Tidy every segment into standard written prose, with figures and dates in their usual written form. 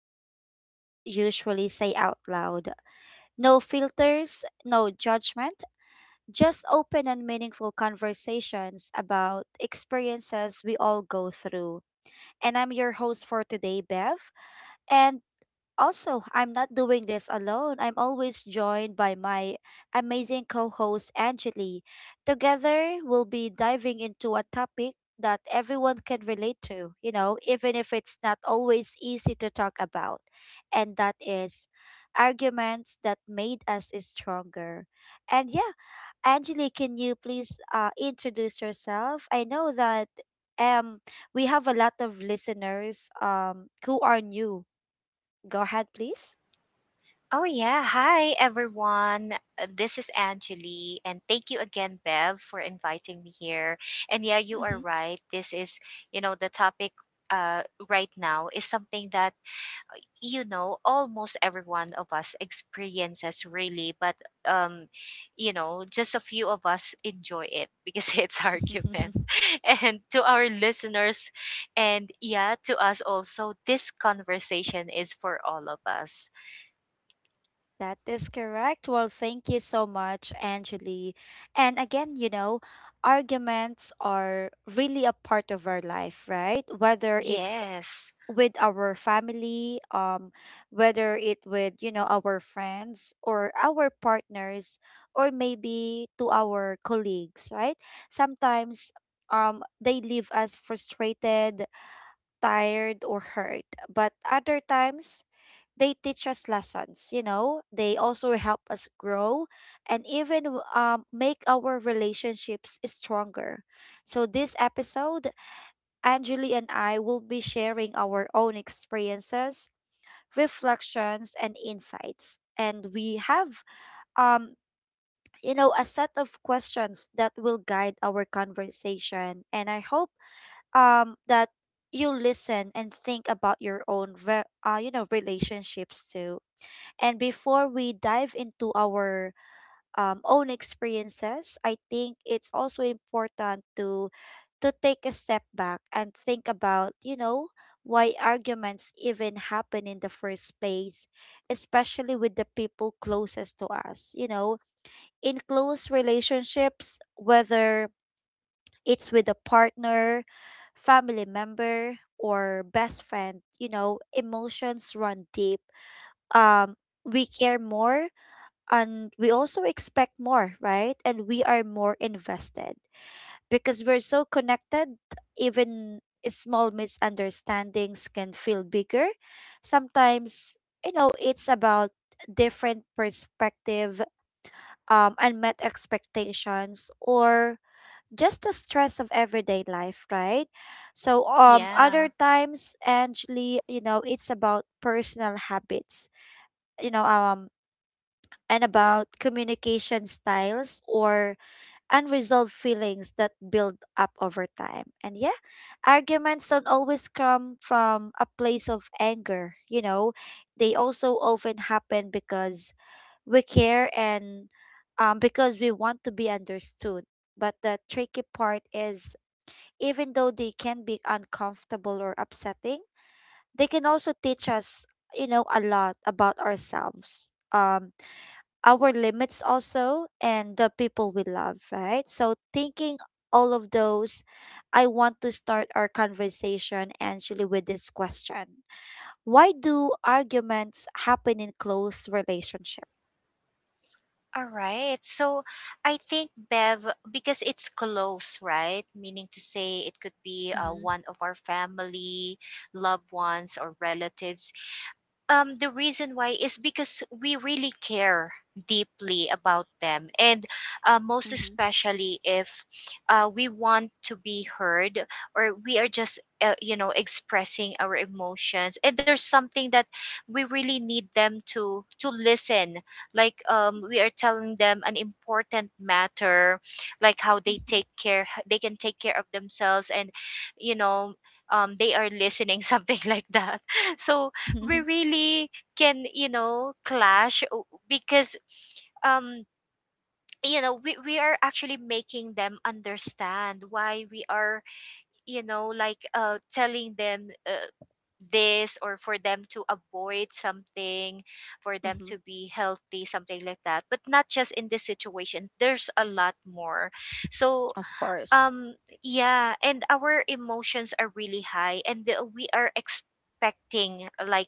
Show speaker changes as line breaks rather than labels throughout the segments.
the things we don't usually say out loud. No filters, no judgment, just open and meaningful conversations about experiences we all go through. And I'm your host for today, Bev. And also, I'm not doing this alone. I'm always joined by my amazing co host, Angeli. Together, we'll be diving into a topic that everyone can relate to, even if it's not always easy to talk about. And that is arguments that made us stronger. And yeah, Angeli, can you please introduce yourself? I know that um, we have a lot of listeners who are new. Go ahead, please.
Oh, yeah. Hi, everyone. This is Angeli, and thank you again, Bev, for inviting me here. And yeah, you are
Mm-hmm.
right. This is, you know, the topic uh, right now is something that, almost every one of us experiences really, but, um, just a few of us enjoy it because it's argument. And to our listeners, and yeah, to us also, this conversation is for all of us.
That is correct. Well, thank you so much, Angeli. And again, arguments are really a part of our life, right? Whether it's
Yes.
with our family, whether it with, our friends or our partners, or maybe to our colleagues, right? Sometimes they leave us frustrated, tired, or hurt. But other times they teach us lessons, they also help us grow and even make our relationships stronger. So, this episode, Anjali and I will be sharing our own experiences, reflections, and insights. And we have, um, a set of questions that will guide our conversation. And I hope that you listen and think about your own relationships too. And before we dive into our own experiences, I think it's also important to take a step back and think about, why arguments even happen in the first place, especially with the people closest to us. In close relationships, whether it's with a partner, family member, or best friend, emotions run deep. Um, we care more and we also expect more, right? And we are more invested because we're so connected, even small misunderstandings can feel bigger. Sometimes, it's about different perspective, unmet expectations, or just the stress of everyday life, right? So, other
Yeah.
times, Angeli, it's about personal habits you know um and about communication styles or unresolved feelings that build up over time. And yeah, arguments don't always come from a place of anger, they also often happen because we care and because we want to be understood. But the tricky part is, even though they can be uncomfortable or upsetting, they can also teach us, a lot about ourselves. Our limits also and the people we love, right? So thinking all of those, I want to start our conversation actually with this question. Why do arguments happen in close relationship?
All right. So I think Bev, because it's close, right? Meaning to say it could be
Mm-hmm,
one of our family, loved ones, or relatives the reason why is because we really care deeply about them and most especially if we want to be heard, or we are just expressing our emotions, and there's something that we really need them to listen, like we are telling them an important matter like how
mm-hmm,
they can take care of themselves and you know they are listening, something like that. So
mm-hmm,
we really can, you know, clash because um you know, we are actually making them understand why we are, you know, like telling them, this, or for them to avoid something, for them to
mm-hmm.
be healthy, something like that. But not just in this situation, there's a lot more. So
Of course.
um yeah, and our emotions are really high, and we are expecting like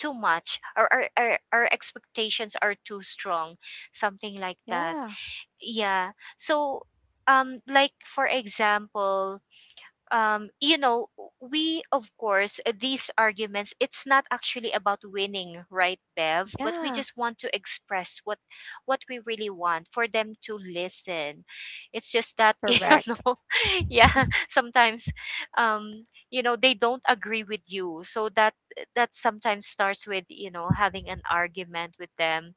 too much, or our expectations are too strong, something like that.
Yeah.
Yeah. So like for example, um, you know, we, of course, these arguments, it's not actually about winning, right, Bev? But we
Yeah.
just want to express what we really want for them to listen. It's just that,
Correct.
know, yeah, sometimes, um, they don't agree with you. So that sometimes starts with, you know, having an argument with them.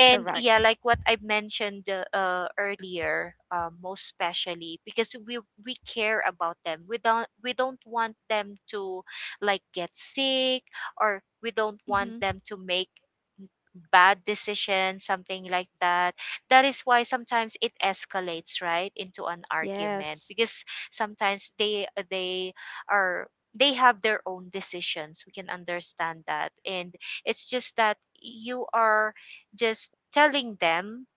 And yeah,
Correct.
like what I mentioned earlier, most especially because we care about them. We don't want them to like get sick, or we don't want
Mm-hmm.
them to make bad decision, something like that. That is why sometimes it escalates, right, into an argument,
Yes.
because sometimes are they have their own decisions. We can understand that, and it's just that you are just telling them,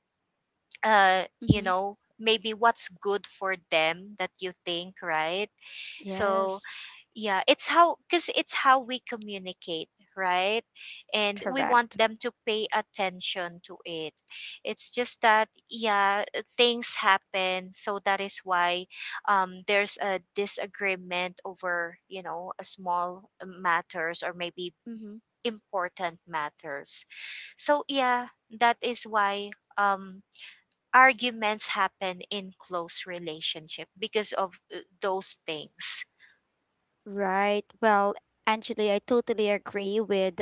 Mm-hmm.
maybe what's good for them that you think, right? So
Yes.
yeah, it's how, because it's how we communicate, right, and we want
Correct.
them to pay attention to it. It's just that yeah, things happen, so that is why there's a disagreement over, you know, a small matters, or maybe
Mm-hmm.
important matters. So yeah, that is why um arguments happen in close relationship because of those things.
Right. Well, Angeli, I totally agree with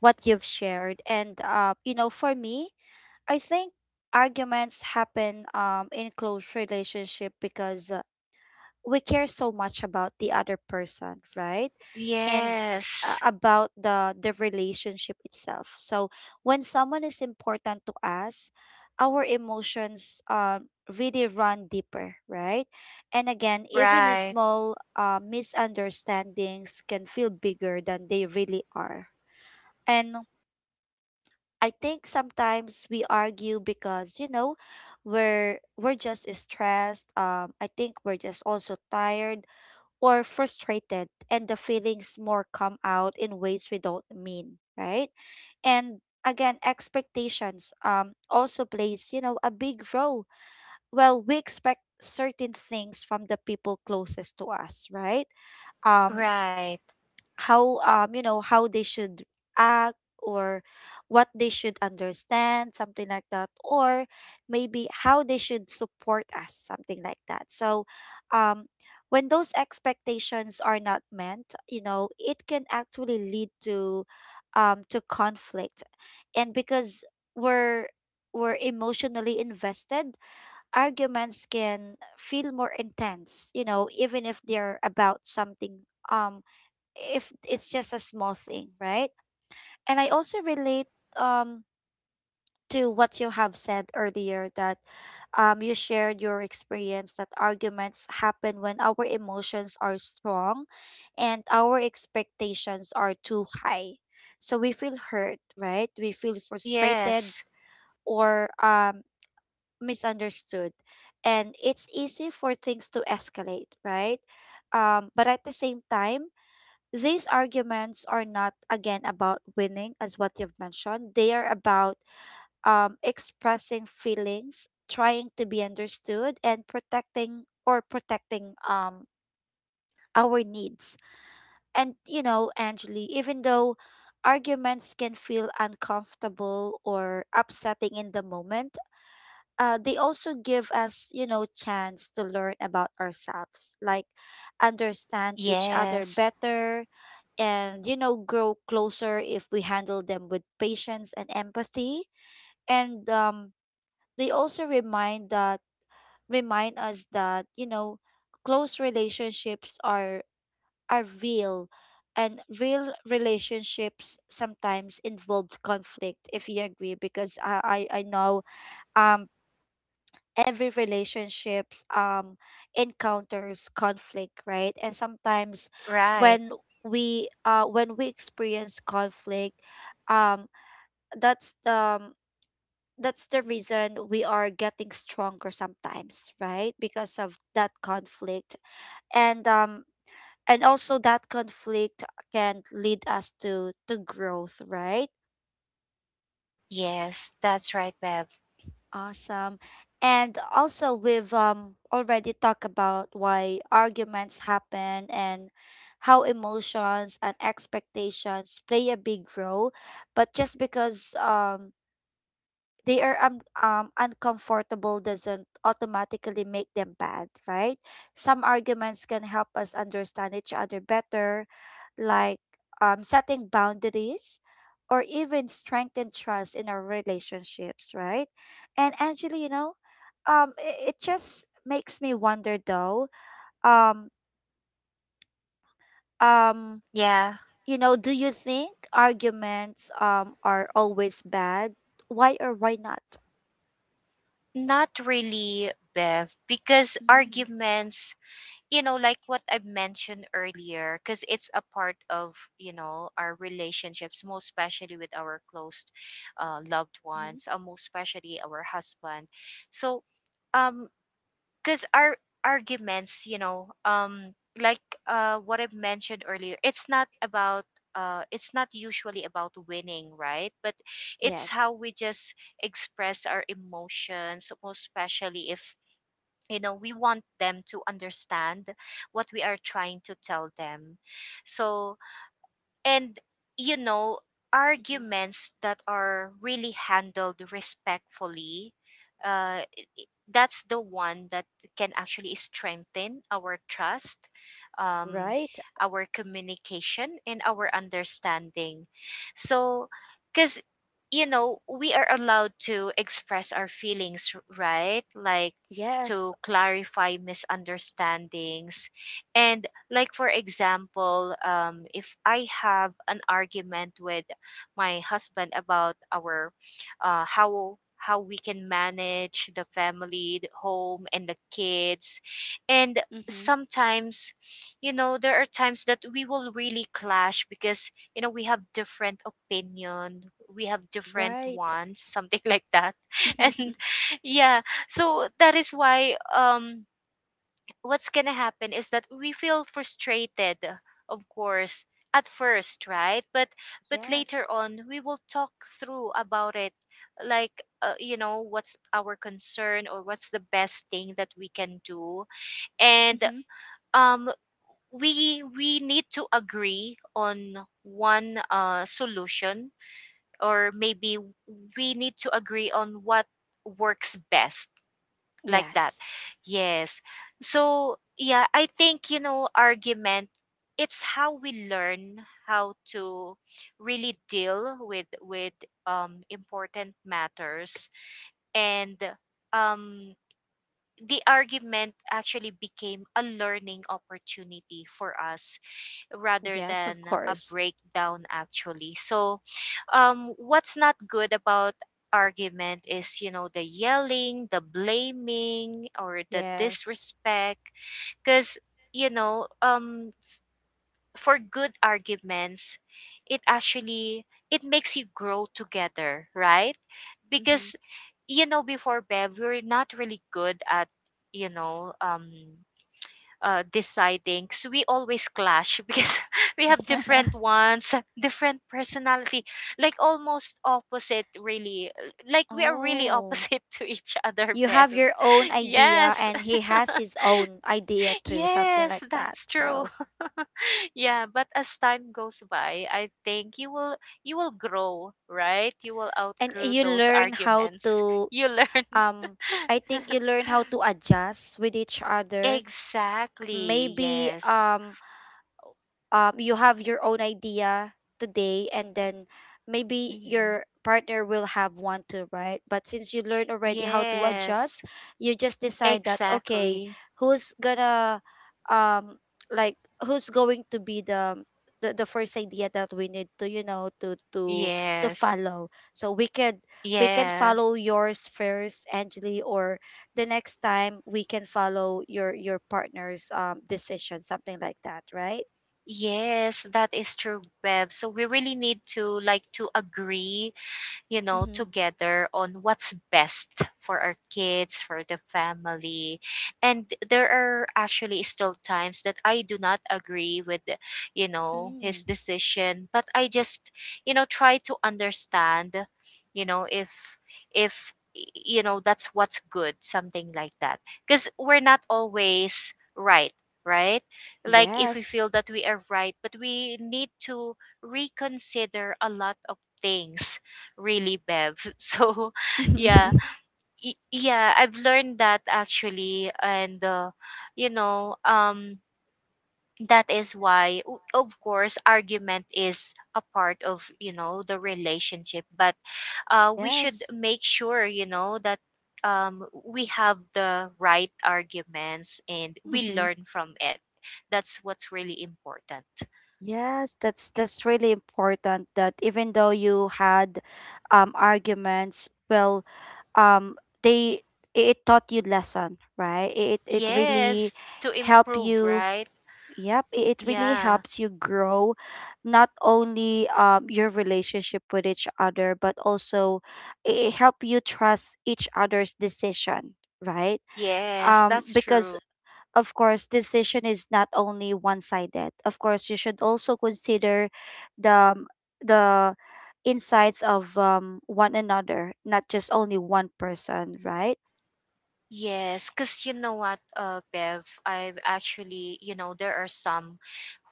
what you've shared. And, for me, I think arguments happen in close relationship because we care so much about the other person, right? And
Yes.
about the relationship itself. So when someone is important to us, our emotions really run deeper, right? And again, even a
Right,
small misunderstandings can feel bigger than they really are. And I think sometimes we argue because we're just stressed. I think we're just also tired or frustrated, and the feelings more come out in ways we don't mean, right? And again, expectations also plays, a big role. Well, we expect certain things from the people closest to us, right? Um
right.
how how they should act, or what they should understand, something like that, or maybe how they should support us, something like that. So um when those expectations are not met, it can actually lead to conflict. And because we're we're emotionally invested, arguments can feel more intense, even if they're about something, um if it's just a small thing, right? And I also relate um to what you have said earlier that you shared your experience that arguments happen when our emotions are strong and our expectations are too high. So we feel hurt, right? We feel frustrated
Yes,
or misunderstood. And it's easy for things to escalate, right? But at the same time, these arguments are not again about winning as what you've mentioned. They are about expressing feelings, trying to be understood, and protecting our needs. And Angeli, even though arguments can feel uncomfortable or upsetting in the moment, they also give us, chance to learn about ourselves, like understand each other
yes,
better, and, grow closer if we handle them with patience and empathy. And they also remind us that, close relationships are real, and real relationships sometimes involve conflict if you agree. Because I know um every relationships encounters conflict, right? And sometimes
right.
when we experience conflict, um that's the reason we are getting stronger sometimes, right? Because of that conflict. And also that conflict can lead us to growth, right?
Yes, that's right, Bev.
Awesome. And also, we've already talked about why arguments happen and how emotions and expectations play a big role. But just because they are uncomfortable doesn't automatically make them bad, right? Some arguments can help us understand each other better, like setting boundaries or even strengthen trust in our relationships, right? And Angela, it just makes me wonder though, um um
Yeah,
do you think arguments are always bad? Why or why not?
not really, Bev, because
Mm-hmm.
arguments, like what I mentioned earlier, because it's a part of, you know, our relationships, most especially with our close loved
Mm-hmm.
ones, most especially our husband. So, um, because our arguments like what I've mentioned earlier, it's not about it's not usually about winning, right, but it's
Yes.
how we just express our emotions, most especially if, you know, we want them to understand what we are trying to tell them. So, and you know,
Mm-hmm.
arguments that are really handled respectfully, uh that's the one that can actually strengthen our trust, um,
Right?
our communication, and our understanding. So, because you know, we are allowed to express our feelings, right? Like
Yes.
to clarify misunderstandings. And like for example, if I have an argument with my husband about our how we can manage the family, the home, and the kids. And
Mm-hmm.
sometimes, you know, there are times that we will really clash, because you know, we have different opinion, we have different
Right.
wants, something like that. And yeah, so that is why what's gonna happen is that we feel frustrated, of course, at first, right? But
Yes.
later on we will talk through about it, like you know, what's our concern, or what's the best thing that we can do. And
Mm-hmm.
um we need to agree on one solution, or maybe we need to agree on what works best, like that.
Yes.
Yes. So yeah, I think you know, argument, it's how we learn how to really deal with important matters. And um, the argument actually became a learning opportunity for us rather
Yes, of
than a
course.
breakdown actually. So what's not good about argument is, you know, the yelling, the blaming, or the
Yes.
disrespect, because you know um for good arguments, it actually, it makes you grow together, right? Because
Mm-hmm.
you know, before, Bev, we're not really good at, you know um deciding, so we always clash because we have different ones, different personality, like almost opposite really, like we are really
Oh,
opposite to each other,
you
Beth.
have your own idea,
Yes.
and he has his own idea too, something
Yes,
like that.
that's true.
So,
Yeah, but as time goes by, I think you will, you will grow, right? You will
and
outgrow
you
those
learn how
arguments.
to,
You learn.
um, I think you learn how to adjust with each other.
Exactly,
Maybe,
yes.
you have your own idea today, and then maybe
Mhm.
your partner will have one too, right? But since you learn already how to adjust,
Yes,
you just decide that okay,
exactly.
who's gonna um like who's going to be the first idea that we need to you know to
Yes.
follow. So we can
Yeah.
follow yours first, Angeli, or the next time we can follow your partner's decision, something like that, right?
Yes, that is true, Bev. So we really need to like to agree, you know,
Mm-hmm.
together on what's best for our kids, for the family. And there are actually still times that I do not agree with, you know,
Mm.
his decision, but I just, you know, try to understand, you know, if, you know, that's what's good, something like that. Because we're not always right, right? Like if we
Yes.
feel that we are right, but we need to reconsider a lot of things really, Bev. So yeah, yeah, I've learned that actually, and you know um that is why, of course, argument is a part of, you know, the relationship, but we should
Yes.
make sure, you know, that we have the right arguments and we
Hmm.
learn from it. That's what's really important.
Yes, that's really important that even though you had arguments, well, um they it taught you lesson, right? It really
Yes, to
help
improve,
you.
right?
Yep, it really
Yeah.
helps you grow, not only your relationship with each other, but also it help you trust each other's decision, right?
Yes, that's
Because
true.
of course, decision is not only one-sided. Of course, you should also consider the the insights of one another, not just only one person, right?
Yes, because you know what, Bev, I've actually, you know, there are some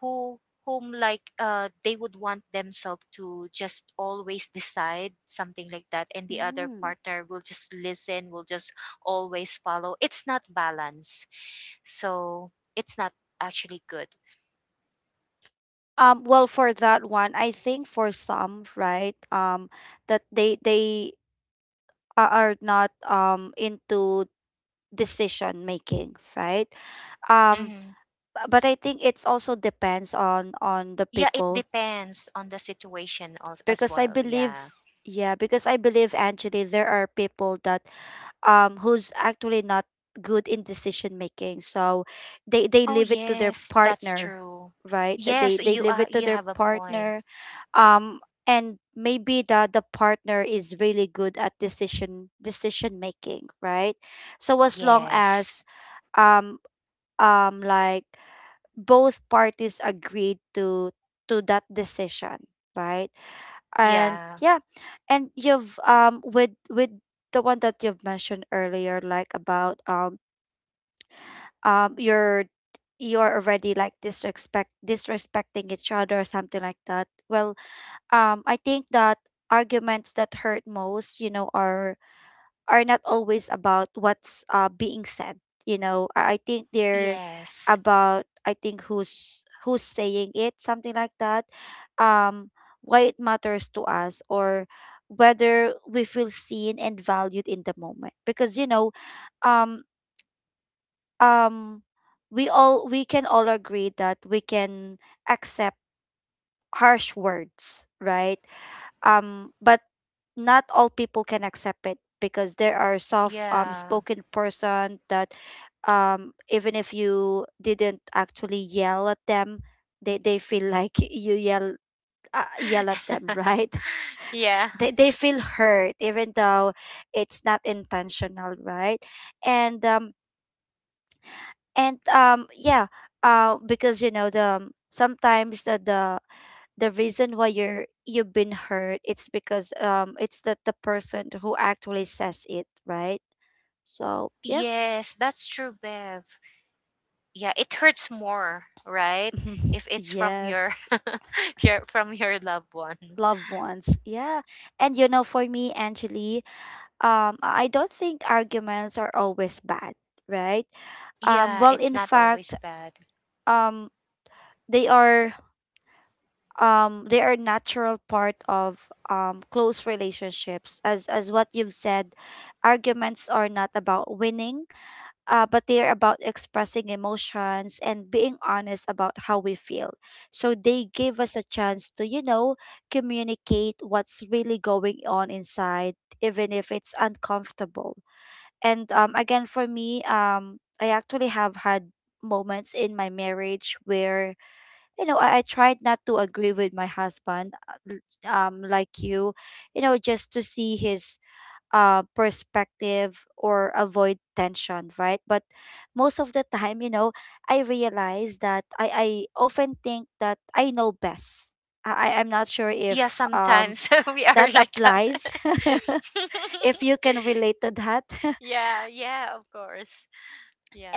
who whom like they would want themselves to just always decide, something like that, and the other
Mm.
partner will just listen, will just always follow. It's not balance, so it's not actually good.
Well, for that one, I think for some, right, that are not into decision making, right? Um,
Hmm.
but I think it's also depends on the
Yeah, it
people.
depends on the situation, as
because I
well.
believe
Yeah.
yeah, because I believe, Angeli, there are people that who's actually not good in decision making. So they
Oh
leave it to their
yes, that's
partner,
true.
right? That
Yes,
they
you
leave
are.
it to
You
their
have a point.
partner. Um and maybe the partner is really good at decision making, right? So as long
Yes.
as um like both parties agreed to that decision, right? And
Yeah.
yeah, and you've with the one that you've mentioned earlier, like about um you're you're already, like, disrespecting each other or something like that. Well, I think that arguments that hurt most, are not always about what's being said. I think they're
Yes.
about, I think, who's saying it, something like that. Um, why it matters to us or whether we feel seen and valued in the moment. Because um, um, we can all agree that we can accept harsh words, right? But not all people can accept it because there are soft
Yeah.
spoken person that even if you didn't actually yell at them they feel like you yell yell at them, right?
Yeah.
they feel hurt even though it's not intentional, right? and um and Yeah. Because you know the sometimes the the reason why you've been hurt, it's because it's that the person who actually says it, right? So yeah.
Yes, that's true, Bev. Yeah, it hurts more, right? If it's from your,
Yes,
if you're from your loved one.
loved ones, yeah. And you know, for me, Angeli, I don't think arguments are always bad, right?
Yeah,
Well,
it's
in
not
fact,
always bad.
um they are, they are natural part of close relationships, as what you've said. Arguments are not about winning, but they're about expressing emotions and being honest about how we feel. So they give us a chance to, you know, communicate what's really going on inside, even if it's uncomfortable. And again, for me, I actually have had moments in my marriage where, you know, I tried not to agree with my husband, like you know, just to see his perspective or avoid tension, right? But most of the time, you know, I realize that I often think that I know best. I'm not sure if
Yeah, sometimes we are
that
like that.
applies, if you can relate to that.
Yeah, yeah, of course.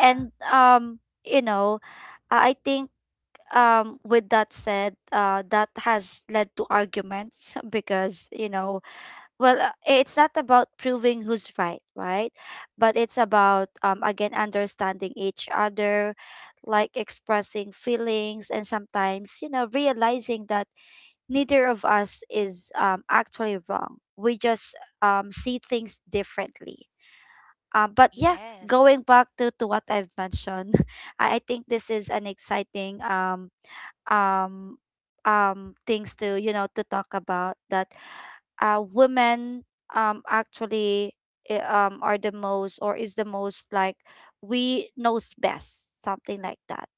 and, um, you know, I think, with that said, that has led to arguments because, you know, it's not about proving who's right, right? But it's about, again, understanding each other, like expressing feelings, and sometimes, you know, realizing that neither of us is actually wrong, we just see things differently. But Yeah.
Yes.
Going back to what I've mentioned, I think this is an exciting um things to, you know, to talk about, that women, actually, are the most, or is the most, like, we knows best, something like that.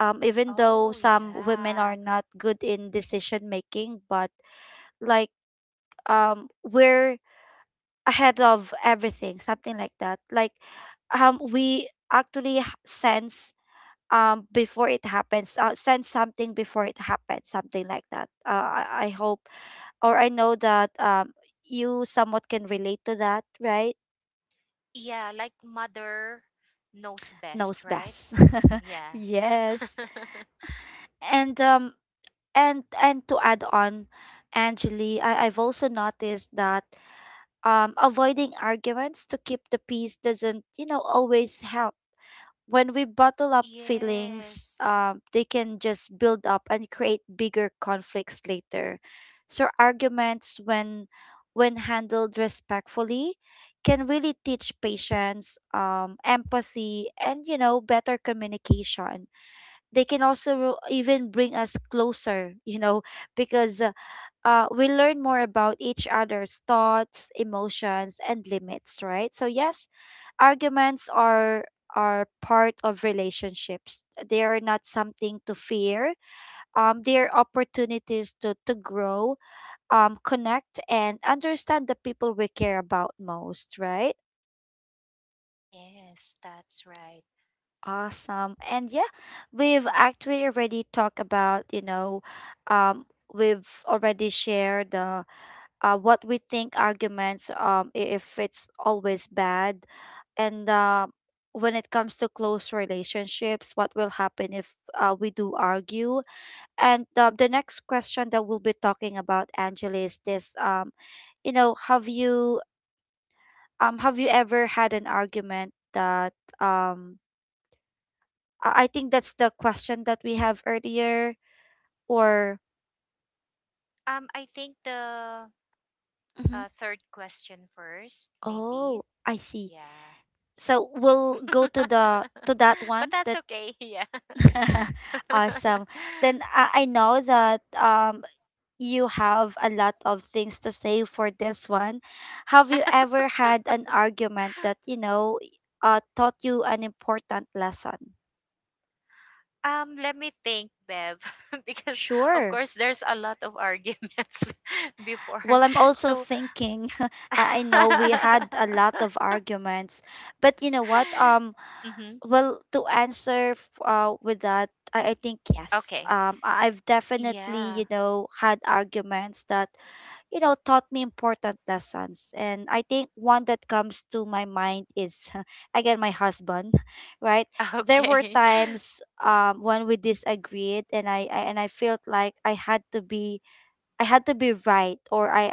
Even though
Oh,
some women are
yeah.
not good in decision making, but like, we're ahead of everything, something like that. Like, we actually sense, before it happens, sense something before it happens, something like that. I hope or I know that you somewhat can relate to that, right?
Yeah, like mother knows
Knows
best, right?
best.
Yeah.
Yes. And um and to add on, Angeli, I've also noticed that avoiding arguments to keep the peace doesn't, you know, always help. When we bottle up feelings,
Yes.
they can just build up and create bigger conflicts later. So arguments, when handled respectfully, can really teach patience, empathy, and you know, better communication. They can also even bring us closer, you know, because we learn more about each other's thoughts, emotions, and limits, right? So yes, arguments are part of relationships. They are not something to fear. They are opportunities to grow, connect, and understand the people we care about most, right?
Yes, that's right.
Awesome. And yeah, we've actually already talked about, you know, um, we've already shared the what we think arguments, if it's always bad, and when it comes to close relationships, what will happen if we do argue. And the next question that we'll be talking about, Angela, is this: you know, have you, have you ever had an argument that, um I think that's the question that we have earlier, or
I think the
Mhm.
third question first,
Oh,
maybe.
I see.
Yeah.
So we'll go to the to that one
But that's
that
okay. Yeah.
awesome. Then I know that you have a lot of things to say for this one. Have you ever had an argument that, you know, taught you an important lesson?
Let me think, Bev, because of
Sure.
course there's a lot of arguments before.
Well, I'm also
So,
thinking. I know we had a lot of arguments, but you know what?
Mhm.
Well, to answer with that, I think yes.
Okay.
I've definitely,
Yeah.
you know, had arguments that, you know, taught me important lessons. And I think one that comes to my mind is, again, my husband, right? There were
Okay.
times when we disagreed, and I felt like I had to be, I had to be right, or I,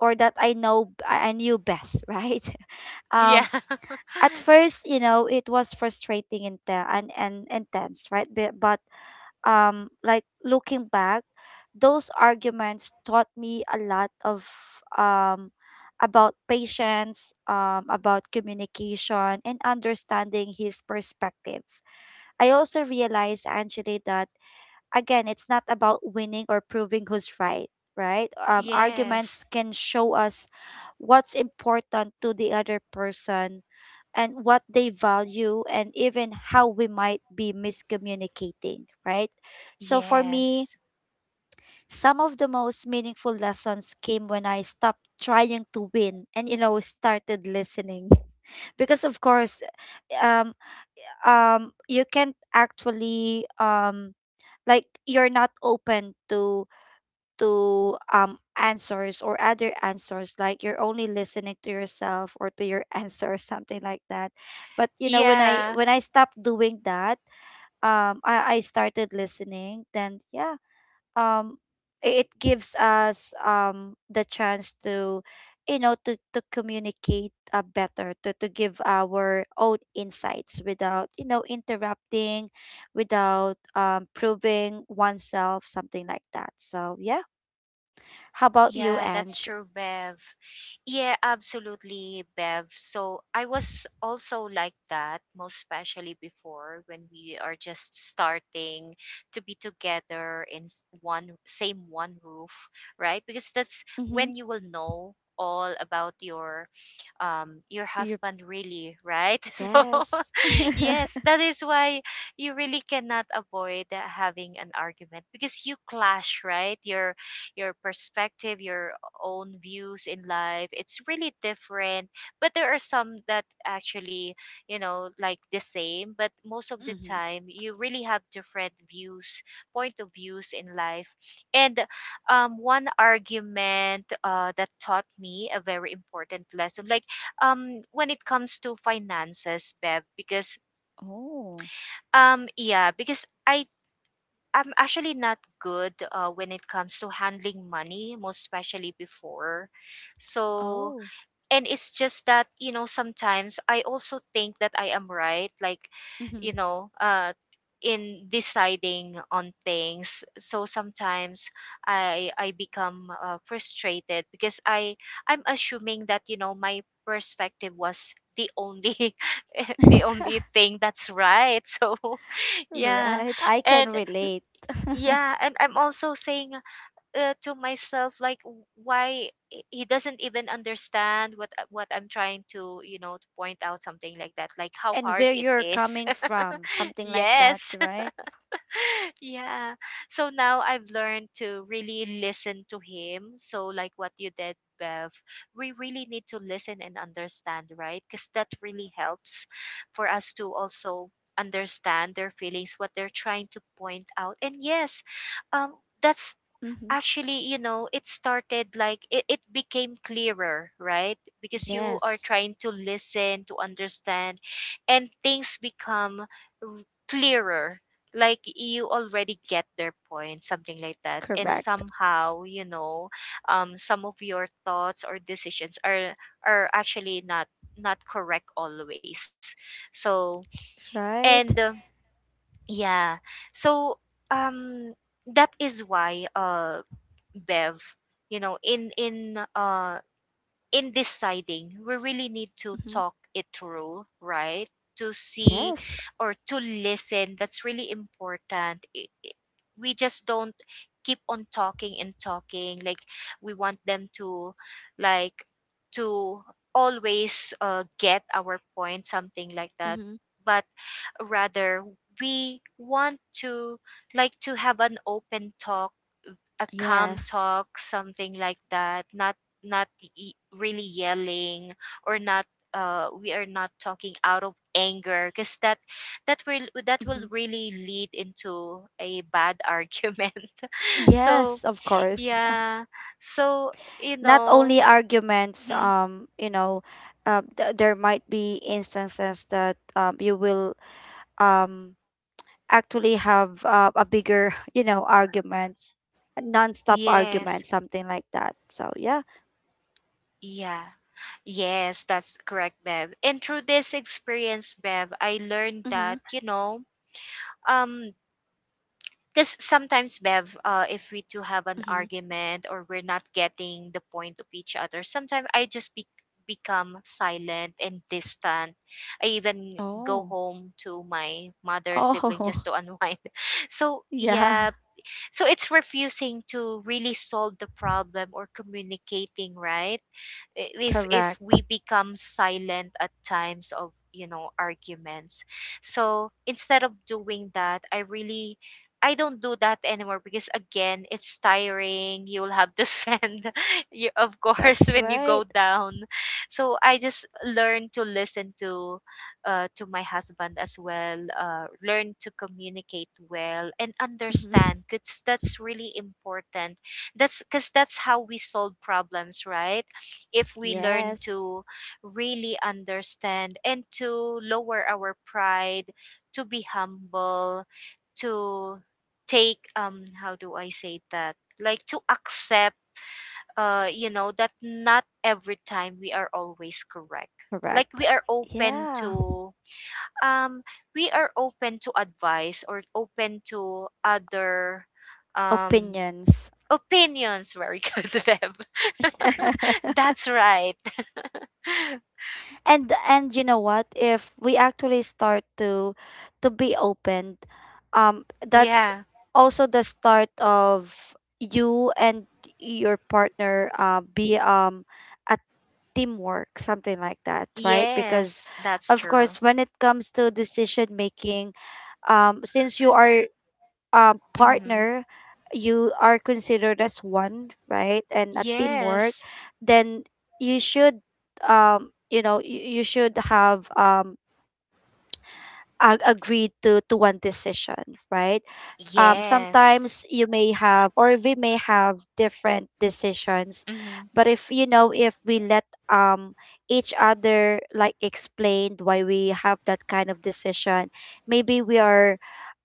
or that I know, I knew best, right? um,
Yeah.
at first, you know, it was frustrating and and intense, right? But like looking back, those arguments taught me a lot of um about patience, about communication and understanding his perspective. I also realized, Angela, that again, it's not about winning or proving who's right, right?
Yes.
Arguments can show us what's important to the other person, and what they value, and even how we might be miscommunicating, right? So for me,
Yes.
some of the most meaningful lessons came when I stopped trying to win and, you know, started listening. Because of course, um you can't actually, like, you're not open to answers or other answers, like you're only listening to yourself or to your answer, or something like that. But you know, when i
Yeah.
when i stopped doing that, I started listening, then yeah. um it gives us the chance to, you know, to communicate better, to give our own insights without, you know, interrupting, without proving oneself, something like that. So yeah, how about you,
Yeah, that's
Ange?
true, Bev. Yeah, absolutely, Bev. So I was also like that, most especially before when we are just starting to be together in one same one roof, right? Because that's
Mm-hmm.
when you will know all about your
You.
husband really, right? So,
Yes.
yes,
Mm-hmm.
that is why you really cannot avoid having an argument because you clash, right? Your perspective, your own views in life, it's really different. But there are some that actually, you know, like the same, but most of the time you really have different views, point of views in life. And one argument that taught me a very important lesson, like when it comes to finances, Bev, because
Oh.
yeah, because I'm actually not good when it comes to handling money, most especially before. So,
Oh.
and it's just that, you know, sometimes I also think that I am right, like, you
Mm-hmm.
know, uh in deciding on things. So sometimes I become frustrated because I'm assuming that, you know, my perspective was the only the only thing that's right. So yeah,
Right, I can
and
relate.
yeah, and I'm also saying, to myself like, why he doesn't even understand what what I'm trying to, you know, to point out, something like that, like how
And
hard
where
it
you're
is.
coming from, something like that,
Yes.
right?
Yeah. So now I've learned to really listen to him. So like what you did, Bev, we really need to listen and understand, right? Because that really helps for us to also understand their feelings, what they're trying to point out. And yes, um, that's
Mm-hmm.
actually it started like it became clearer, right? Because you are
Yes,
trying to listen to understand and things become r- clearer, like you already get their point, something like that. And
correct.
somehow, you know, um, some of your thoughts or decisions are actually not correct always. So and
Right?
yeah, so um, that is why Bev, you know, in in deciding, we really need to
Mm-hmm.
talk it through, right? To see
Yes.
or to listen. That's really important. We just don't keep on talking and talking. Like we want them to, like, to always get our point, something like that.
Mm-hmm.
But rather, we want to like to have an open talk, a calm
Yes.
talk, something like that. Not really yelling or not. We are not talking out of anger because that that will
Mm-hmm.
really lead into a bad argument. So
Yes, of course.
yeah, so you
Not
know,
only arguments,
mhm,
you know, there might be instances that you will, um, actually have a bigger, you know, arguments, a non-stop
yes,
argument, something like that. So, yeah.
yeah. Yes, that's correct, Bev. And through this experience, Bev, I learned that,
Mm-hmm.
you know, um, because sometimes Bev, if we two have an
Mm-hmm.
argument or we're not getting the point of each other, sometimes I just become silent and distant. I even go
Oh.
home to my mother sibling
Oh,
just to unwind. So
yeah.
yeah, so it's refusing to really solve the problem or communicating, right? If
Correct.
we become silent at times of, you know, arguments. So instead of doing that, I really, I don't do that anymore because again, it's tiring. You'll have to spend you, of course,
That's
when you go
right.
down. So I just learn to listen to my husband as well. Learn to communicate well and
Mm-hmm.
understand because that's really important. That's because that's how we solve problems, right? If we learn
Yes,
to really understand and to lower our pride, to be humble, to take um, how do I say that? Like to accept, you know, that not every time we are always correct. Like
correct.
we are open
Yeah,
to um, we are open to advice or open to other um,
opinions.
opinions, very good to them. That's right.
And you know what? If we actually start to be open, that's
Yeah.
also the start of you and your partner be, a teamwork, something like that, right? Because
Yes, that's
of
true.
course, when it comes to decision making, since you are
Mm-hmm.
partner, you are considered as one, right? And a teamwork,
Yes,
then you should, you know, you should have agreed to one decision, right?
yes.
Sometimes you may have, or we may have, different decisions,
Mm-hmm.
but if, you know, if we let um each other, like, explained why we have that kind of decision, maybe we are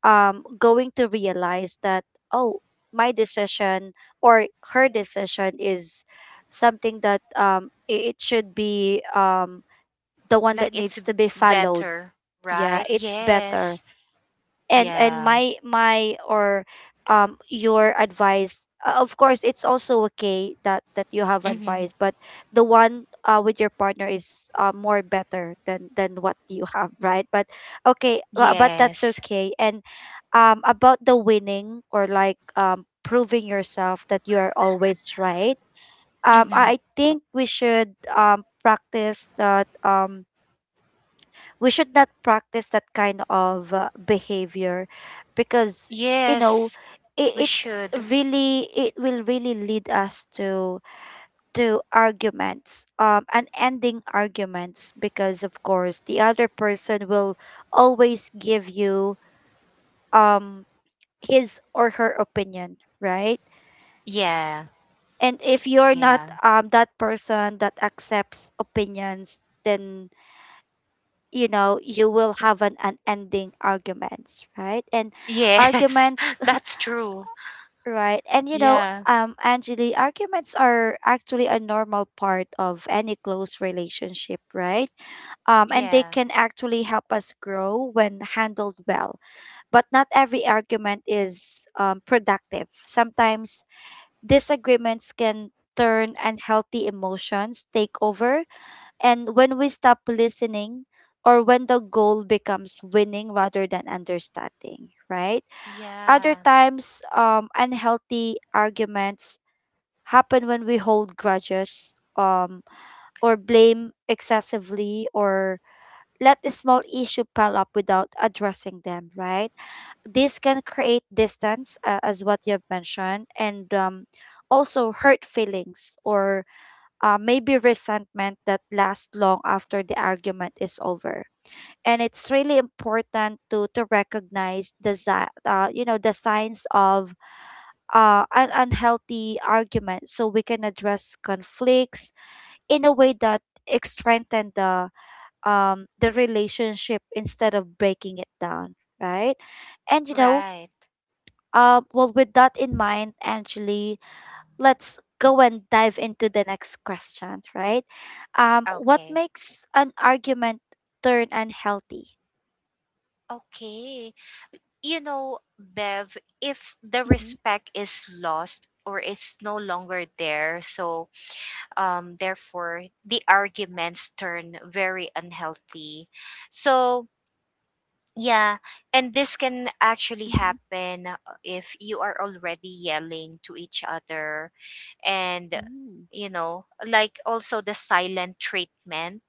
going to realize that, oh, my decision or her decision is something that it should be the one
Like
that
it's
needs to be followed.
better,
Yeah,
right?
it's better.
Yes,
And
yeah.
my my or Your advice, of course, it's also okay that you have
Mm-hmm.
advice, but the one with your partner is more better than what you have, right? But okay, but that's
Yes,
okay. And about the winning, or like proving yourself that you are always right,
mm-hmm.
I think we should practice that, we should not practice that kind of behavior, because you know,
Yes, we
it, it
should.
it will really lead us to arguments and ending arguments, because of course the other person will always give you um his or her opinion, right?
Yeah,
And if you're not
yeah.
that person that accepts opinions, then you know, you will have an unending arguments, right? and
Yes,
arguments
that's true.
Right? And you know,
Yeah,
Angeli, arguments are actually a normal part of any close relationship, right? And they
yeah,
can actually help us grow when handled well. But not every argument is productive. Sometimes disagreements can turn unhealthy, emotions take over, and when we stop listening, or when the goal becomes winning rather than understanding, right? Other
yeah.
times, unhealthy arguments happen when we hold grudges, um, or blame excessively, or let a small issue pile up without addressing them, right? This can create distance, as what you've mentioned, and also hurt feelings or maybe resentment that lasts long after the argument is over. And it's really important to recognize the you know, the signs of an unhealthy argument, so we can address conflicts in a way that strengthen the relationship instead of breaking it down, right? And you know,
Right.
well, with that in mind, Angeli, let's go and dive into the next question, right? What
Okay.
makes an argument turn unhealthy?
Okay. You know, Bev, if the
Mm-hmm,
respect is lost or is no longer there, so therefore the arguments turn very unhealthy. So yeah, and this can actually
mm-hmm.
happen, if you are already yelling to each other and
Mm.
you know, like also the silent treatment.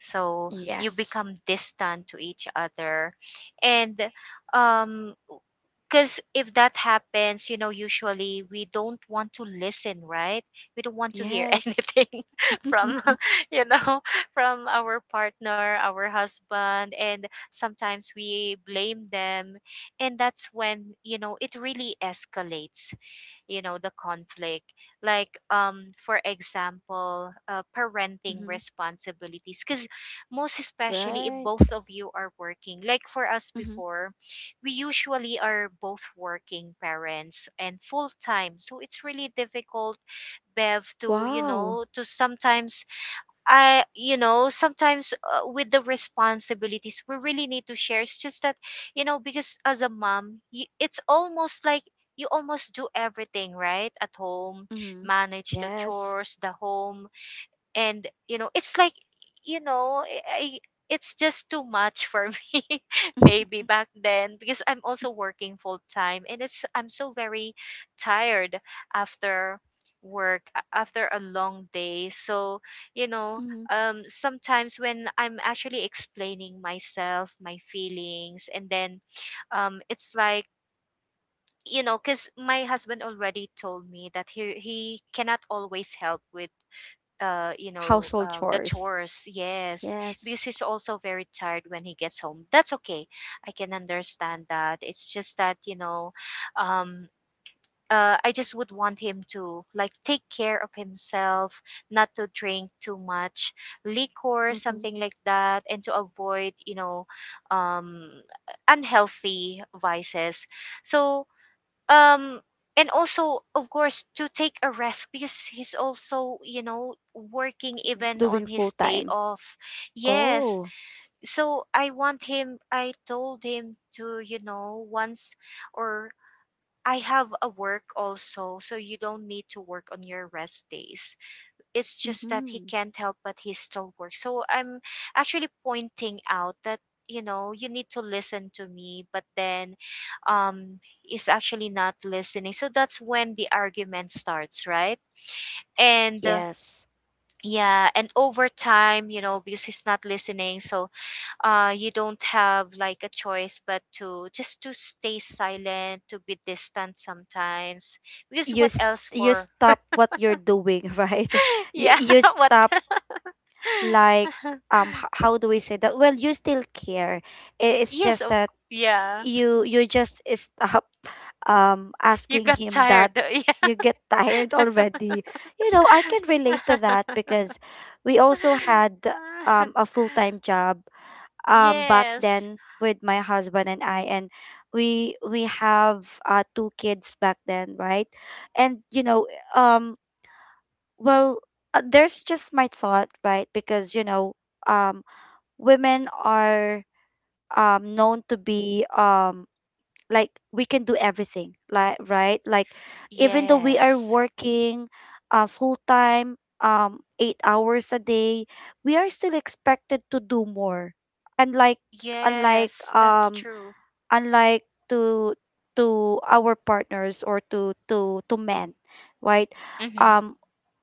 So you
Yes.
become distant to each other and um, because if that happens, you know, usually we don't want to listen, right? We don't want to hear
Yes.
anything from
Hmm.
you know, from our partner, our husband, and sometimes we blame them. And that's when, you know, it really escalates, you know, the conflict. Like um, for example, parenting responsibilities, because most especially if both
Right.
of you are working, like for us
Mm-hmm.
before, we usually are both working parents and full time, so it's really difficult, Bev, to you
Wow.
know, to sometimes you know, sometimes with the responsibilities, we really need to share. It's just that, you know, because as a mom, you, it's almost like you almost do everything, right? At home,
Mm-hmm.
manage the
Yes.
chores, the home, and you know, it's like, you know, it's just too much for me, maybe back then, because I'm also working full time and it's I'm so very tired after work after a long day. So, you know,
Mm-hmm.
um, sometimes when I'm actually explaining myself, my feelings, and then um, it's like, you know, because my husband already told me that he cannot always help with you
Mm-hmm.
know,
Household
the
chores.
chores, yes, because
Yes.
he's also very tired when he gets home. That's okay, I can understand that. It's just that, you know, um, I just would want him to like take care of himself, not to drink too much liquor,
Mm-hmm.
something like that, and to avoid, you know, um, unhealthy vices. So um, and also of course to take a rest because he's also, you know, working even on
Doing full
his day
time.
off. Yes,
Oh.
so I want him, I told him to, you know, once or I have a work also, so you don't need to work on your rest days. It's just that he
Mm-hmm.
can't help, but he still works. So I'm actually pointing out that, you know, you need to listen to me, but then um, is actually not listening, so that's when the argument starts, right? And
Yes.
yeah, and over time, you know, because he's not listening, so you don't have like a choice but to just to stay silent, to be distant sometimes, because
You
what else
you
for
stop what you're doing, right? You
yeah
you
what
stop like how do we say that, well, you still care, I- it's
Yes,
just
oh
that
yeah.
you just stop
You
asking
got
him that,
tired.
you get tired already. You know, I can relate to
Yeah.
that because we also had a full-time job back
Yes.
then with my husband and I. And we have 2 kids back then, right? And you know, um well, there's just my thought, right? Because, you know, um, women are known to be like we can do everything, like, right? Like even though we are
Yes.
working full time, 8 hours a day, we are still expected to do more. Unlike unlike
Yes, that's
um
true.
unlike to our partners, or to men, right?
Mm-hmm.
um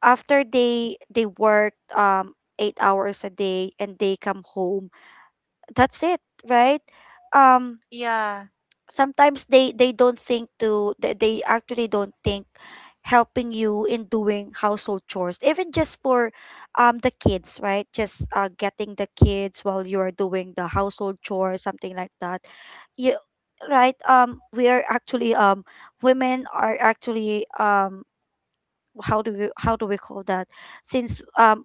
After they work 8 hours a day and they come home, that's it, right? um
Yeah.
Sometimes they don't think to they actually don't think helping you in doing household chores, even just for the kids, right? Just getting the kids while you're doing the household chores, something like that. You right We are actually women are actually how do we call that? Since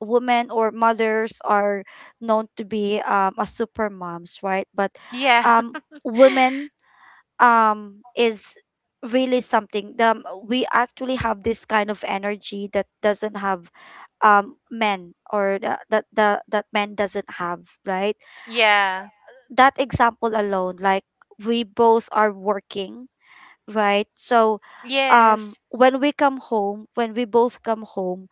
women or mothers are known to be a super moms, right? But
Yeah.
um women is really something. We actually have this kind of energy that doesn't have men, or the that men doesn't have, right?
Yeah.
That example alone, like, we both are working, right? So
Yes.
when we come home, when we both come home,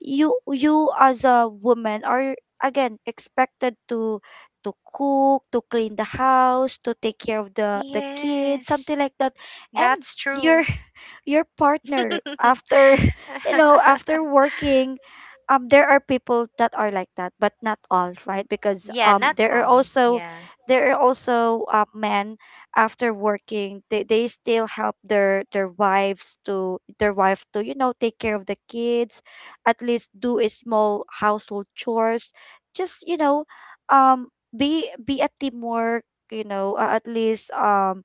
you as a woman are again expected to cook, to clean the house, to take care of the kids,
Yes.
something like that. And
That's
your
true.
your partner after, you know, after working, there are people that are like that, but not all, right? Because
yeah, not all. Yeah.
there are also men after working, they still help their wife to, you know, take care of the kids, at least do a small household chores, just, you know, um be a teamwork. You know, at least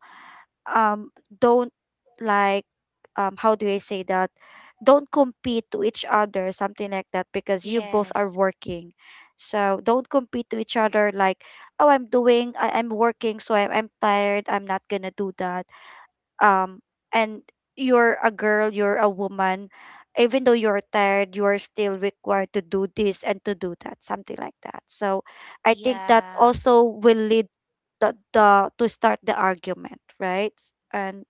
um don't, like, how do I say that? Don't compete to each other, something like that, because you both are
Yes.
working. So don't compete to each other, like, oh, I'm doing I'm working, so I'm tired, I'm not gonna do that. um and you're a girl, you're a woman. Even though you're tired, you're still required to do this and to do that, something like that. So I think that
Yeah.
also will lead the to start the argument, right? And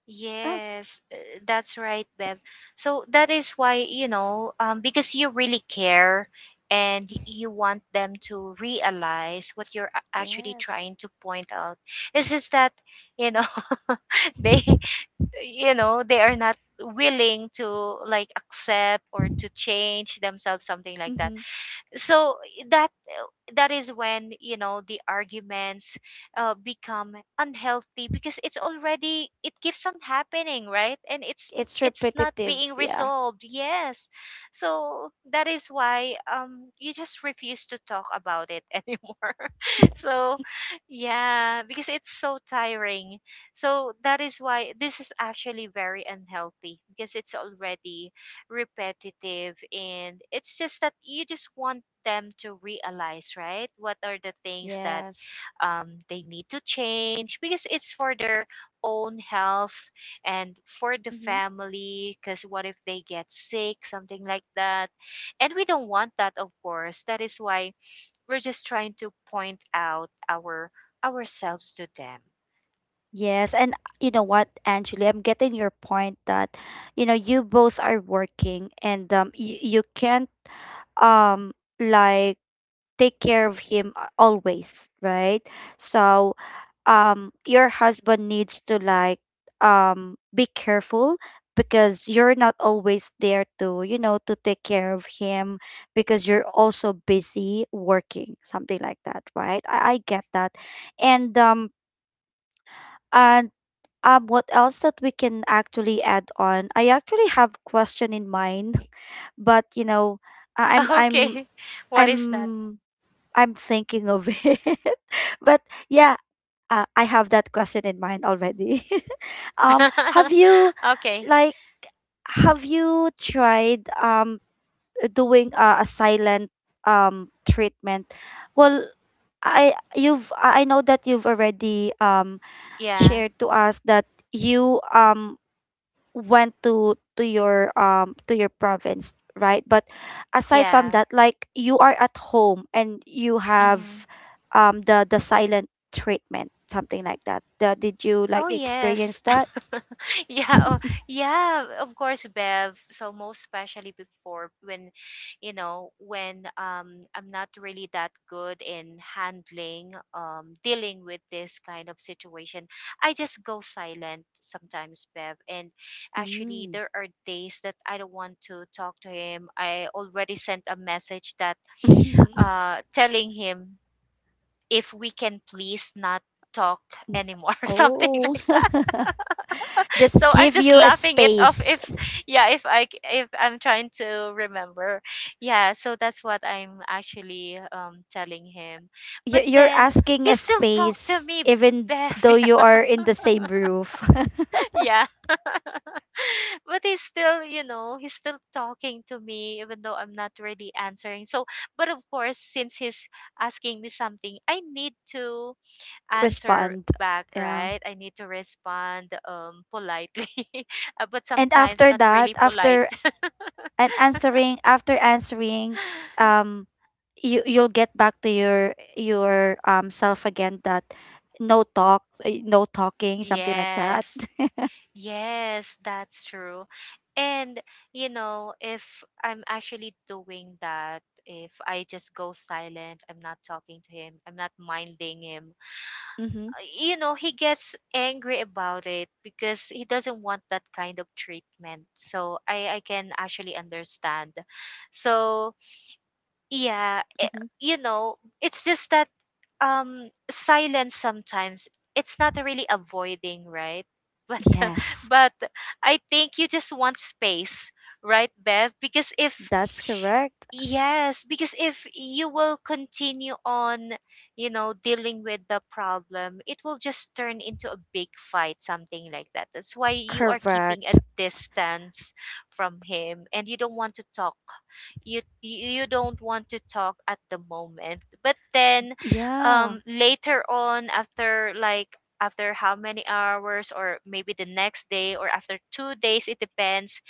ah,
Yes, that's right, Bev. So that is why, you know, because you really care and
Mm-hmm.
you want them to realize what you're actually
Yes.
trying to point out. It's just that, you know, they, you know, they are not willing to like accept or to change themselves, something like that.
Mm-hmm.
So that that is when you know the arguments become unhealthy because it's already it keeps on happening, right? And
It's
it's not
repetitive.
being
Yeah.
resolved, yes, so that is why um, you just refuse to talk about it anymore. So yeah, because it's so tiring. So that is why this is actually very unhealthy because it's already repetitive, and it's just that you just want them to realize, right, what are the things that
Yes.
they need to change because it's for their own health and for the
Mm-hmm.
family, because what if they get sick, something like that, and we don't want that of course. That is why we're just trying to point out our ourselves to them.
Yes, and you know what, Angeli, I'm getting your point that, you know, you both are working and you, you can't um like take care of him a- always, right? So, your husband needs to like be careful, because you're not always there to, you know, to take care of him, because you're also busy working, something like that, right? I get that. And and what else that we can actually add on? I actually have question in mind, but you know, I- i'm i'm
Okay, what is that?
i'm I'm thinking of it, but yeah, I have that question in mind already. Have you,
Okay.
like, have you tried doing a silent treatment? Well, I you've I know that you've already
Yeah,
shared to us that you went to your province, right? But aside from
yeah.
that, like, you are at home and you have
Hmm.
the silent treatment, something like that, the, did you
Oh
like
yes.
experience that?
Yeah, oh, yeah, of course, Bev. So most especially before, when you know, when um, I'm not really that good in handling um, dealing with this kind of situation, I just go silent sometimes, Bev. And actually
Mm.
there are days that I don't want to talk to him. I already sent a message that uh, telling him if we can please not talk anymore something
oh,
like that.
just
So I'm
give
just
you a
laughing it off
space.
if yeah, if if I'm trying to remember. Yeah, so that's what I'm actually um, telling him, but
You- you're
then
asking
he
a
still talked to
space
me,
even
Bev,
though you
yeah,
are in the same roof.
yeah. But he's still, you know, he's still talking to me, even though I'm not really answering. So, but of course, since he's asking me something, I need to answer
respond,
back,
yeah,
right? I need to respond um, politely, uh, but
and
sometimes
after
not
that,
really polite.
after and answering after answering, um you you'll get back to your self again, that no talk, no talking, something like that.
Yes, yes, that's true. And, you know, if I'm actually doing that, if I just go silent, I'm not talking to him, I'm not minding him,
mm-hmm,
you know, he gets angry about it because he doesn't want that kind of treatment. So I can actually understand. So, yeah, eh,
mm-hmm.
you know, it's just that um, silence sometimes it's not really avoiding, right?
Yes.
But but I think you just want space, right, Bev? Because if
That's correct.
Yes, because if you will continue on, you know, dealing with the problem, it will just turn into a big fight, something like that. That's why you are keeping a
Correct.
distance from him and you don't want to talk, you don't want to talk at the moment, but then
Yeah.
um, later on, after like after how many hours or maybe the next day or after 2 days, it depends,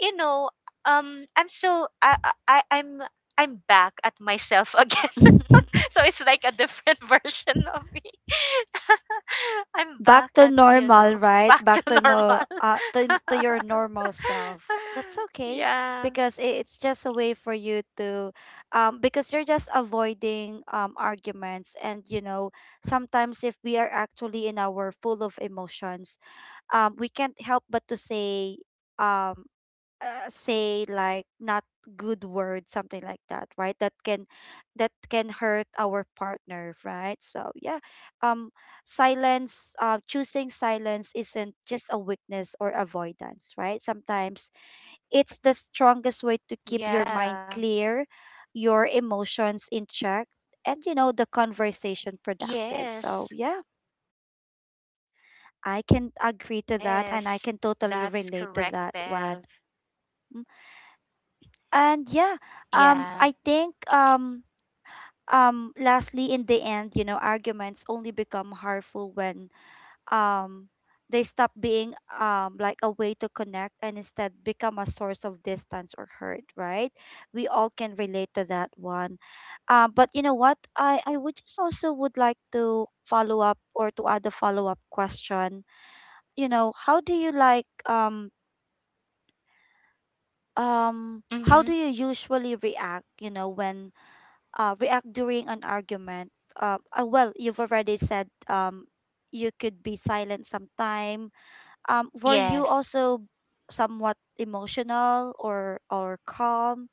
you know, um, I'm still i I- i'm I'm back at myself again. So it's like a different version of me. I'm
Back
back
to
at, you
normal,
know,
right?
back to
Back to no
normal.
to your normal self. That's okay,
Yeah,
because I- it's just a way for you to because you're just avoiding arguments. And, you know, sometimes if we are actually in our full of emotions, we can't help but to say um say like not good words, something like that, right? That can that can hurt our partner, right? So yeah, um silence, choosing silence isn't just a weakness or avoidance, right? Sometimes it's the strongest way to keep your
yeah,
mind clear, your emotions in check, and, you know, the conversation productive.
yes.
So, yeah, I can agree to that and
Yes,
I can totally
that's
relate
correct,
to that
Bev.
one. Mm. And yeah,
Yeah.
I think lastly, in the end, you know, arguments only become harmful when um, they stop being like a way to connect, and instead become a source of distance or hurt, right? We all can relate to that one. But you know what? I would just also would like to follow up, or to add a follow up question. You know, how do you like um
Mm-hmm.
how do you usually react, you know, when react during an argument? Well, you've already said you could be silent sometime, were you
Yes.
also somewhat emotional, or calm?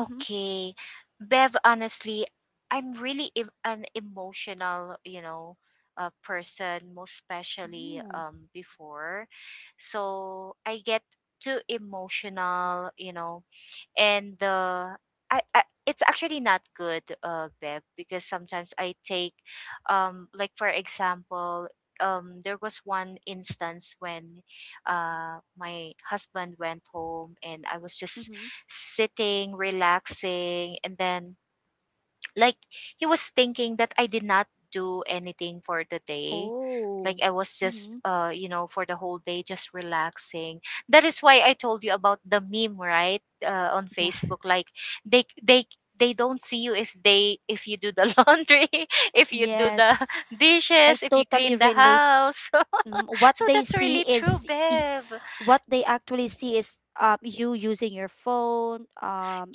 Mm-hmm.
Bev, honestly, I'm really an emotional, you know, person, most especially
Mm-hmm.
before. So I get too emotional, you know, and I it's actually not good, Beb, because sometimes I take, like for example, there was one instance when my husband went home and I was just
Mm-hmm.
sitting relaxing, and then, like, he was thinking that I did not do anything for the day, like
Oh.
I was just,
Mm-hmm.
for the whole day, just relaxing. That is why I told you about the meme, right, on
Yeah.
Facebook. Like, they they they don't see you if they if you do the laundry, if you do the
Yes. I
dishes, if you
totally
clean the
relate.
house.
Mm, what
So
they
that's
see
really true,
is y-
babe.
what they actually see is, you using your phone,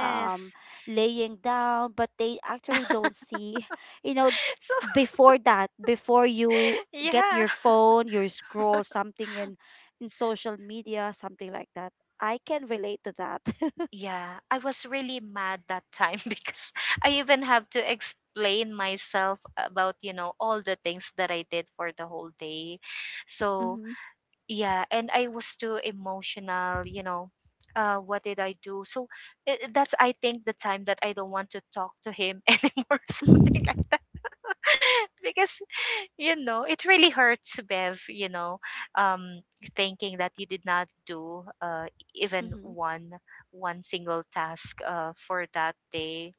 um laying down, but they actually don't see, you know,
So
before that, before you get
yeah.
your phone, you scroll something in social media, something like that. I can relate to that.
Yeah, I was really mad that time because I even have to explain myself about, all the things that I did for the whole day. So, yeah, and I was too emotional. What did I do? So that's, I think, the time that I don't want to talk to him anymore, something like
mm-hmm.
that. Because, it really hurts, Bev, um, thinking that you did not do, even one one single task, for that day,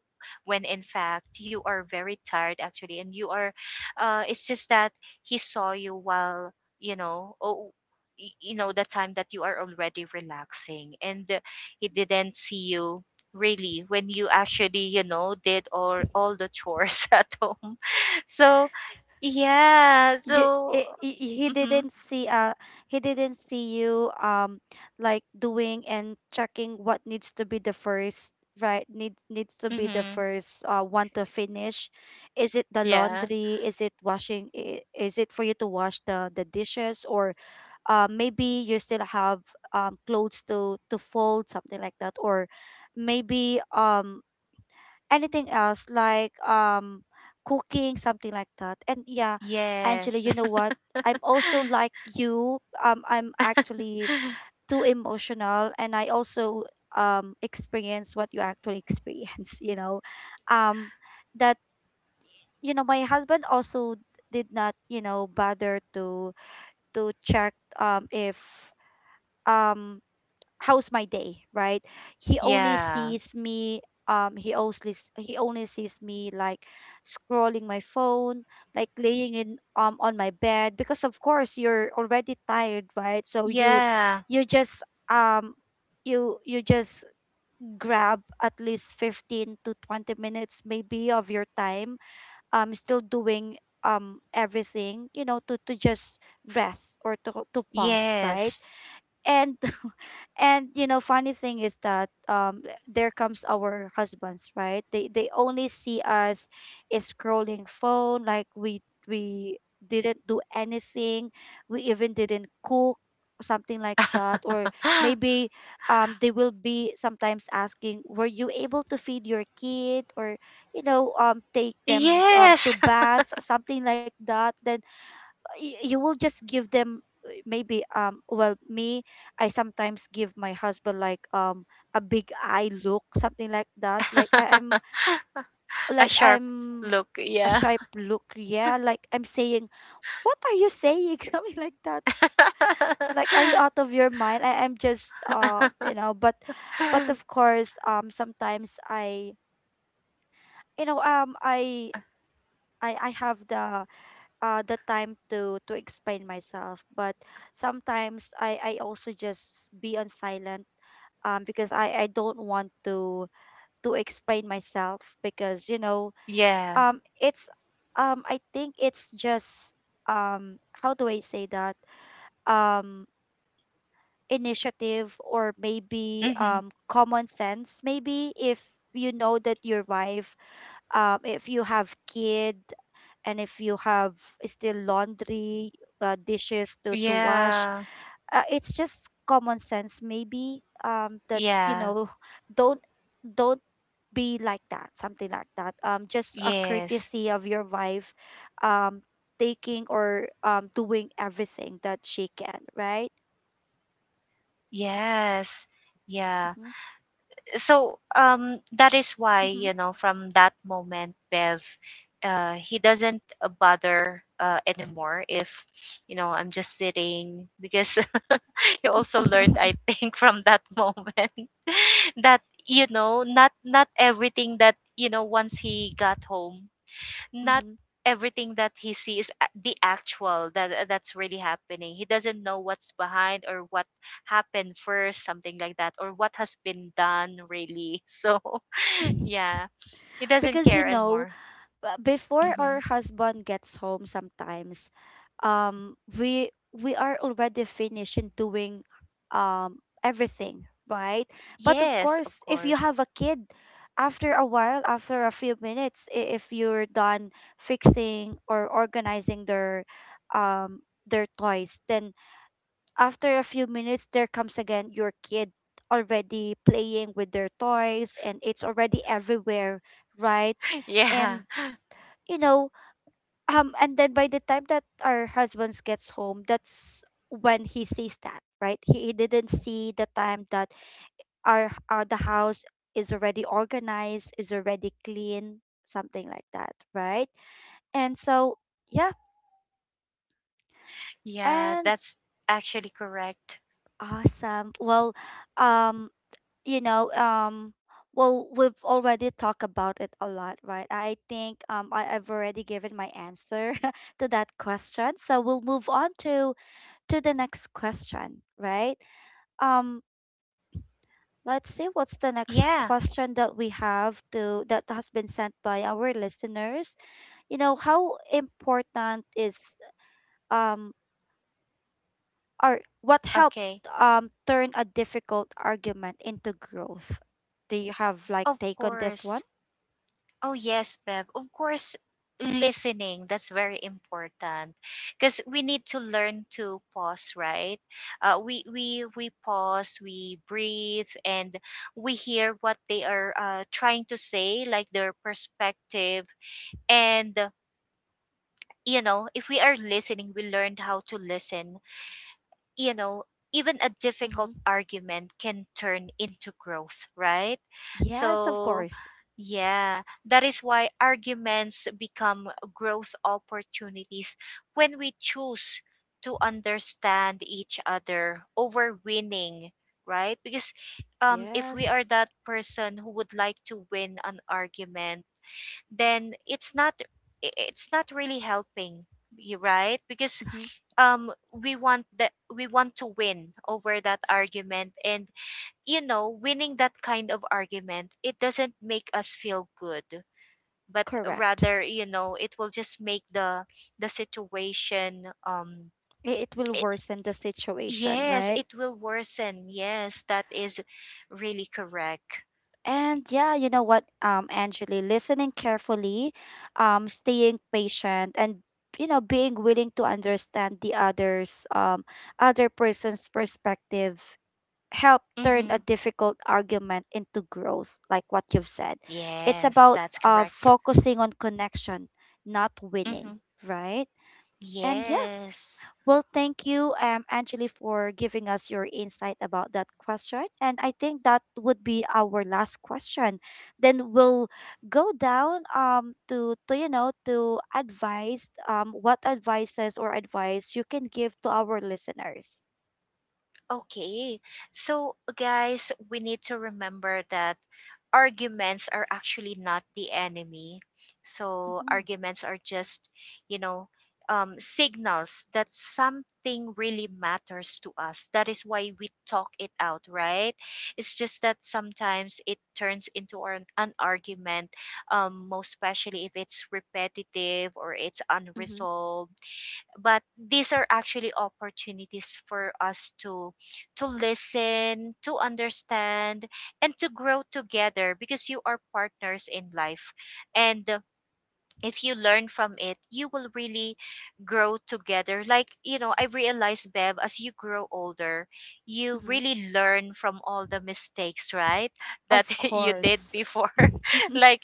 when in fact you are very tired actually, and you are, it's just that he saw you while, you know oh you know the time that you are already relaxing, and, he didn't see you really when you actually, did all the chores at home. So yeah.
you,
So,
I
mm-hmm.
he didn't see you, like, doing and checking what needs to be the first, right? Needs needs to be the
Mm-hmm.
first one to finish. Is it the
Yeah.
laundry? Is it washing? I- is it for you to wash the dishes? Or maybe you still have clothes to fold, something like that? Or maybe anything else, like cooking, something like that, and yeah. Angela,
Yes.
you know what, I'm also like you, I'm actually too emotional and I also experience what you actually experience, you know, um that, you know, my husband also did not, you know, bother to check if um how's my day, right? He only
Yeah.
sees me, he only s- he only sees me like scrolling my phone, like laying in on my bed, because of course you're already tired, right? So
Yeah.
you just um you you just grab at least 15 to 20 minutes maybe of your time, still doing everything, you know, to just rest, or to pause, right?
Yes.
And and you know, funny thing is that there comes our husbands, right? They only see us is scrolling phone, like we didn't do anything, we even didn't cook, something like that. Or maybe they will be sometimes asking, were you able to feed your kid? Or, you know, take them to
Yes.
bath, something like that. Then y- you will just give them maybe, well, me, I sometimes give my husband like a big eye look, something like that, like I'm
A
like
sharp
I'm
look.
a
Yeah.
sharp look, yeah, like I'm saying, what are you saying, something like that. Like, are you out of your mind? I'm just you know, but of course, sometimes i, you know, I i have the time to explain myself, but sometimes i also just be on silent, because i don't want to explain myself, because you know,
Yeah.
it's I think it's just how do I say that, um initiative or maybe
Mm-hmm.
common sense, maybe if you know that your wife if you have kid, and if you have still laundry, dishes to wash,
Yeah.
it's just common sense, maybe that you
Yeah.
know, don't don't be like that, something like that, just a
Yes.
courtesy of your wife um taking or doing everything that she can, right?
Yes. Yeah.
Mm-hmm.
So, that is why,
Mm-hmm.
from that moment, Bev, he doesn't, bother, anymore if, I'm just sitting, because he also learned, I think, from that moment, that, not not everything, that, once he got home, not
hmm.
everything that he sees is the actual, that's really happening. He doesn't know what's behind, or what happened first, something like that, or what has been done really. So yeah, he doesn't
Because, you
care
know,
anymore.
before
Hmm.
our husband gets home sometimes, we are already finished in doing everything, right? But of
Yes, of
course, if you
course.
have a kid, after a while, after a few minutes, I- if you're done fixing or organizing um their toys, then after a few minutes, there comes again your kid, already playing with their toys, and it's already everywhere, right? And
Yeah.
you know, and then by the time that our husbands gets home, that's when he sees that, right? He didn't see the time that our the house is already organized, is already clean, something like that, right? And so, yeah,
Yeah,
and
that's actually correct.
awesome. Well, um you know, well, we've already talked about it a lot, right? I think, I, I've already given my answer to that question, so we'll move on to the next question, right? Um, let's see, what's the next
Yeah.
question that we have to that has been sent by our listeners. You know, how important is um or what helped
Okay.
turn a difficult argument into growth? Do you have like
Of
take on this one?
course. Oh, yes, Bev. Of course, listening, that's very important, because we need to learn to pause, right? We pause, we breathe, and we hear what they are, trying to say, like their perspective. And, if we are listening, we learned how to listen you know, even a difficult
Mm-hmm.
argument can turn into growth, right?
Yes, of
So,
course.
yeah, that is why arguments become growth opportunities when we choose to understand each other over winning, right? Because, if we
Yes.
are that person who would like to win an argument, then it's not really helping you, right? Because,
Mm-hmm.
we want to win over that argument. And, winning that kind of argument, it doesn't make us feel good, but
Correct.
rather, it will just make the situation,
I- It will
it,
worsen the situation,
yes,
right?
it will worsen. Yes, that is really correct.
And yeah, you know what, Angeli, listening carefully, staying patient, and, you know, being willing to understand the others, other person's perspective, help turn a
Mhm.
difficult argument into growth, like what you've said. It's
Yes,
about
that's correct.
focusing on connection, not winning,
Mhm.
right? And yeah,
Yes.
well, thank you, Angeli, for giving us your insight about that question. And I think that would be our last question. Then we'll go down to you know, to advice, what advices or advice you can give to our listeners.
Okay. So, guys, we need to remember that arguments are actually not the enemy. So,
Mm-hmm.
arguments are just, you know, signals that something really matters to us. That is why we talk it out, right? It's just that sometimes it turns into an argument, most especially if it's repetitive or it's
Mm-hmm.
unresolved, but these are actually opportunities for us to listen, to understand, and to grow together, because you are partners in life. And, if you learn from it, you will really grow together. Like, I realized, Bev, as you grow older, you
Mm-hmm.
really learn from all the mistakes, right, that
Of
you did
course.
before.
mm-hmm.
Like,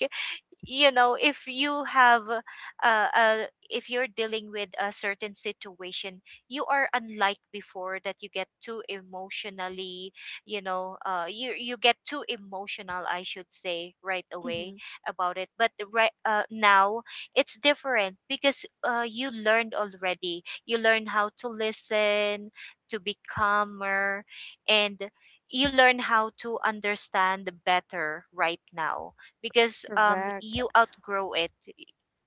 if you have, if you're dealing with a certain situation, you are, unlike before, that you get too emotionally, you get too emotional, I should say, right away about it. But the right, now it's different, because, you learned already, you learn how to listen, to be calmer, and you learn how to understand better right now, because,
Correct.
you outgrow it,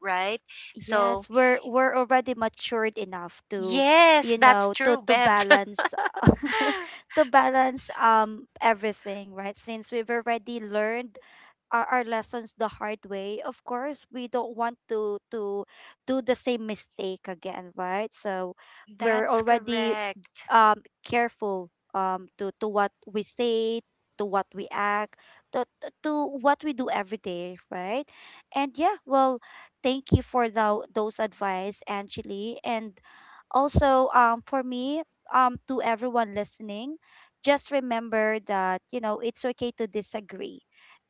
right?
Yes,
So,
we're already matured enough to,
yes,
you
that's
know,
true,
to
Bev.
balance to balance everything, right? Since we've already learned our lessons the hard way, of course we don't want to do the same mistake again, right? So we're
That's
already
correct.
careful to what we say, to what we act, to what we do every day, right? And yeah, well, thank you for the, those advice, Angeli. And also, for me, to everyone listening, just remember that, you know, it's okay to disagree,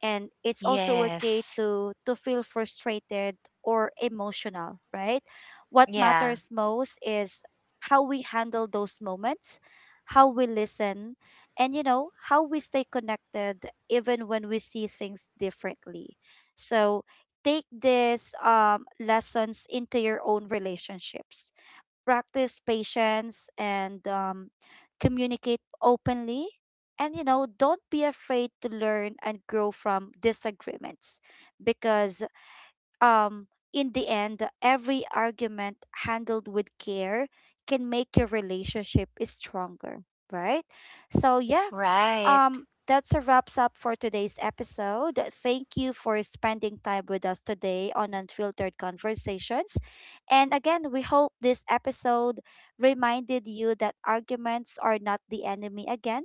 and it's also okay
Yes.
to feel frustrated or emotional, right? What
Yeah,
matters most is how we handle those moments, how we listen, and, you know, how we stay connected even when we see things differently. So take these lessons into your own relationships, practice patience, and communicate openly. And, you know, don't be afraid to learn and grow from disagreements, because, um, in the end, every argument handled with care can make your relationship is stronger, right? So, yeah,
right.
that's a wraps up for today's episode. Thank you for spending time with us today on Unfiltered Conversations. And again, we hope this episode reminded you that arguments are not the enemy, again.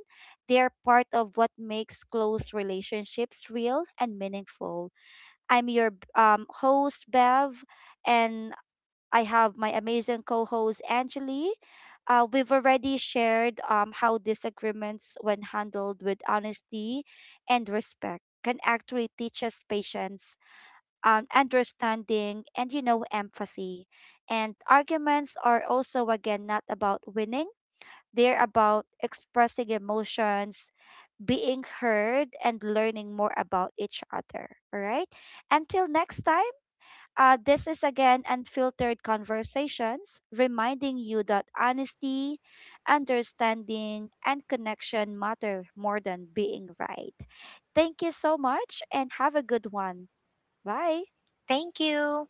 They are part of what makes close relationships real and meaningful. I'm your host, Bev, and I have my amazing co host, Angeli. We've already shared how disagreements, when handled with honesty and respect, can actually teach us patience, understanding, and, you know, empathy. And arguments are also, again, not about winning, they're about expressing emotions, being heard, and learning more about each other. All right. Until next time. This is again Unfiltered Conversations, reminding you that honesty, understanding, and connection matter more than being right. Thank you so much and have a good one. Bye.
Thank you.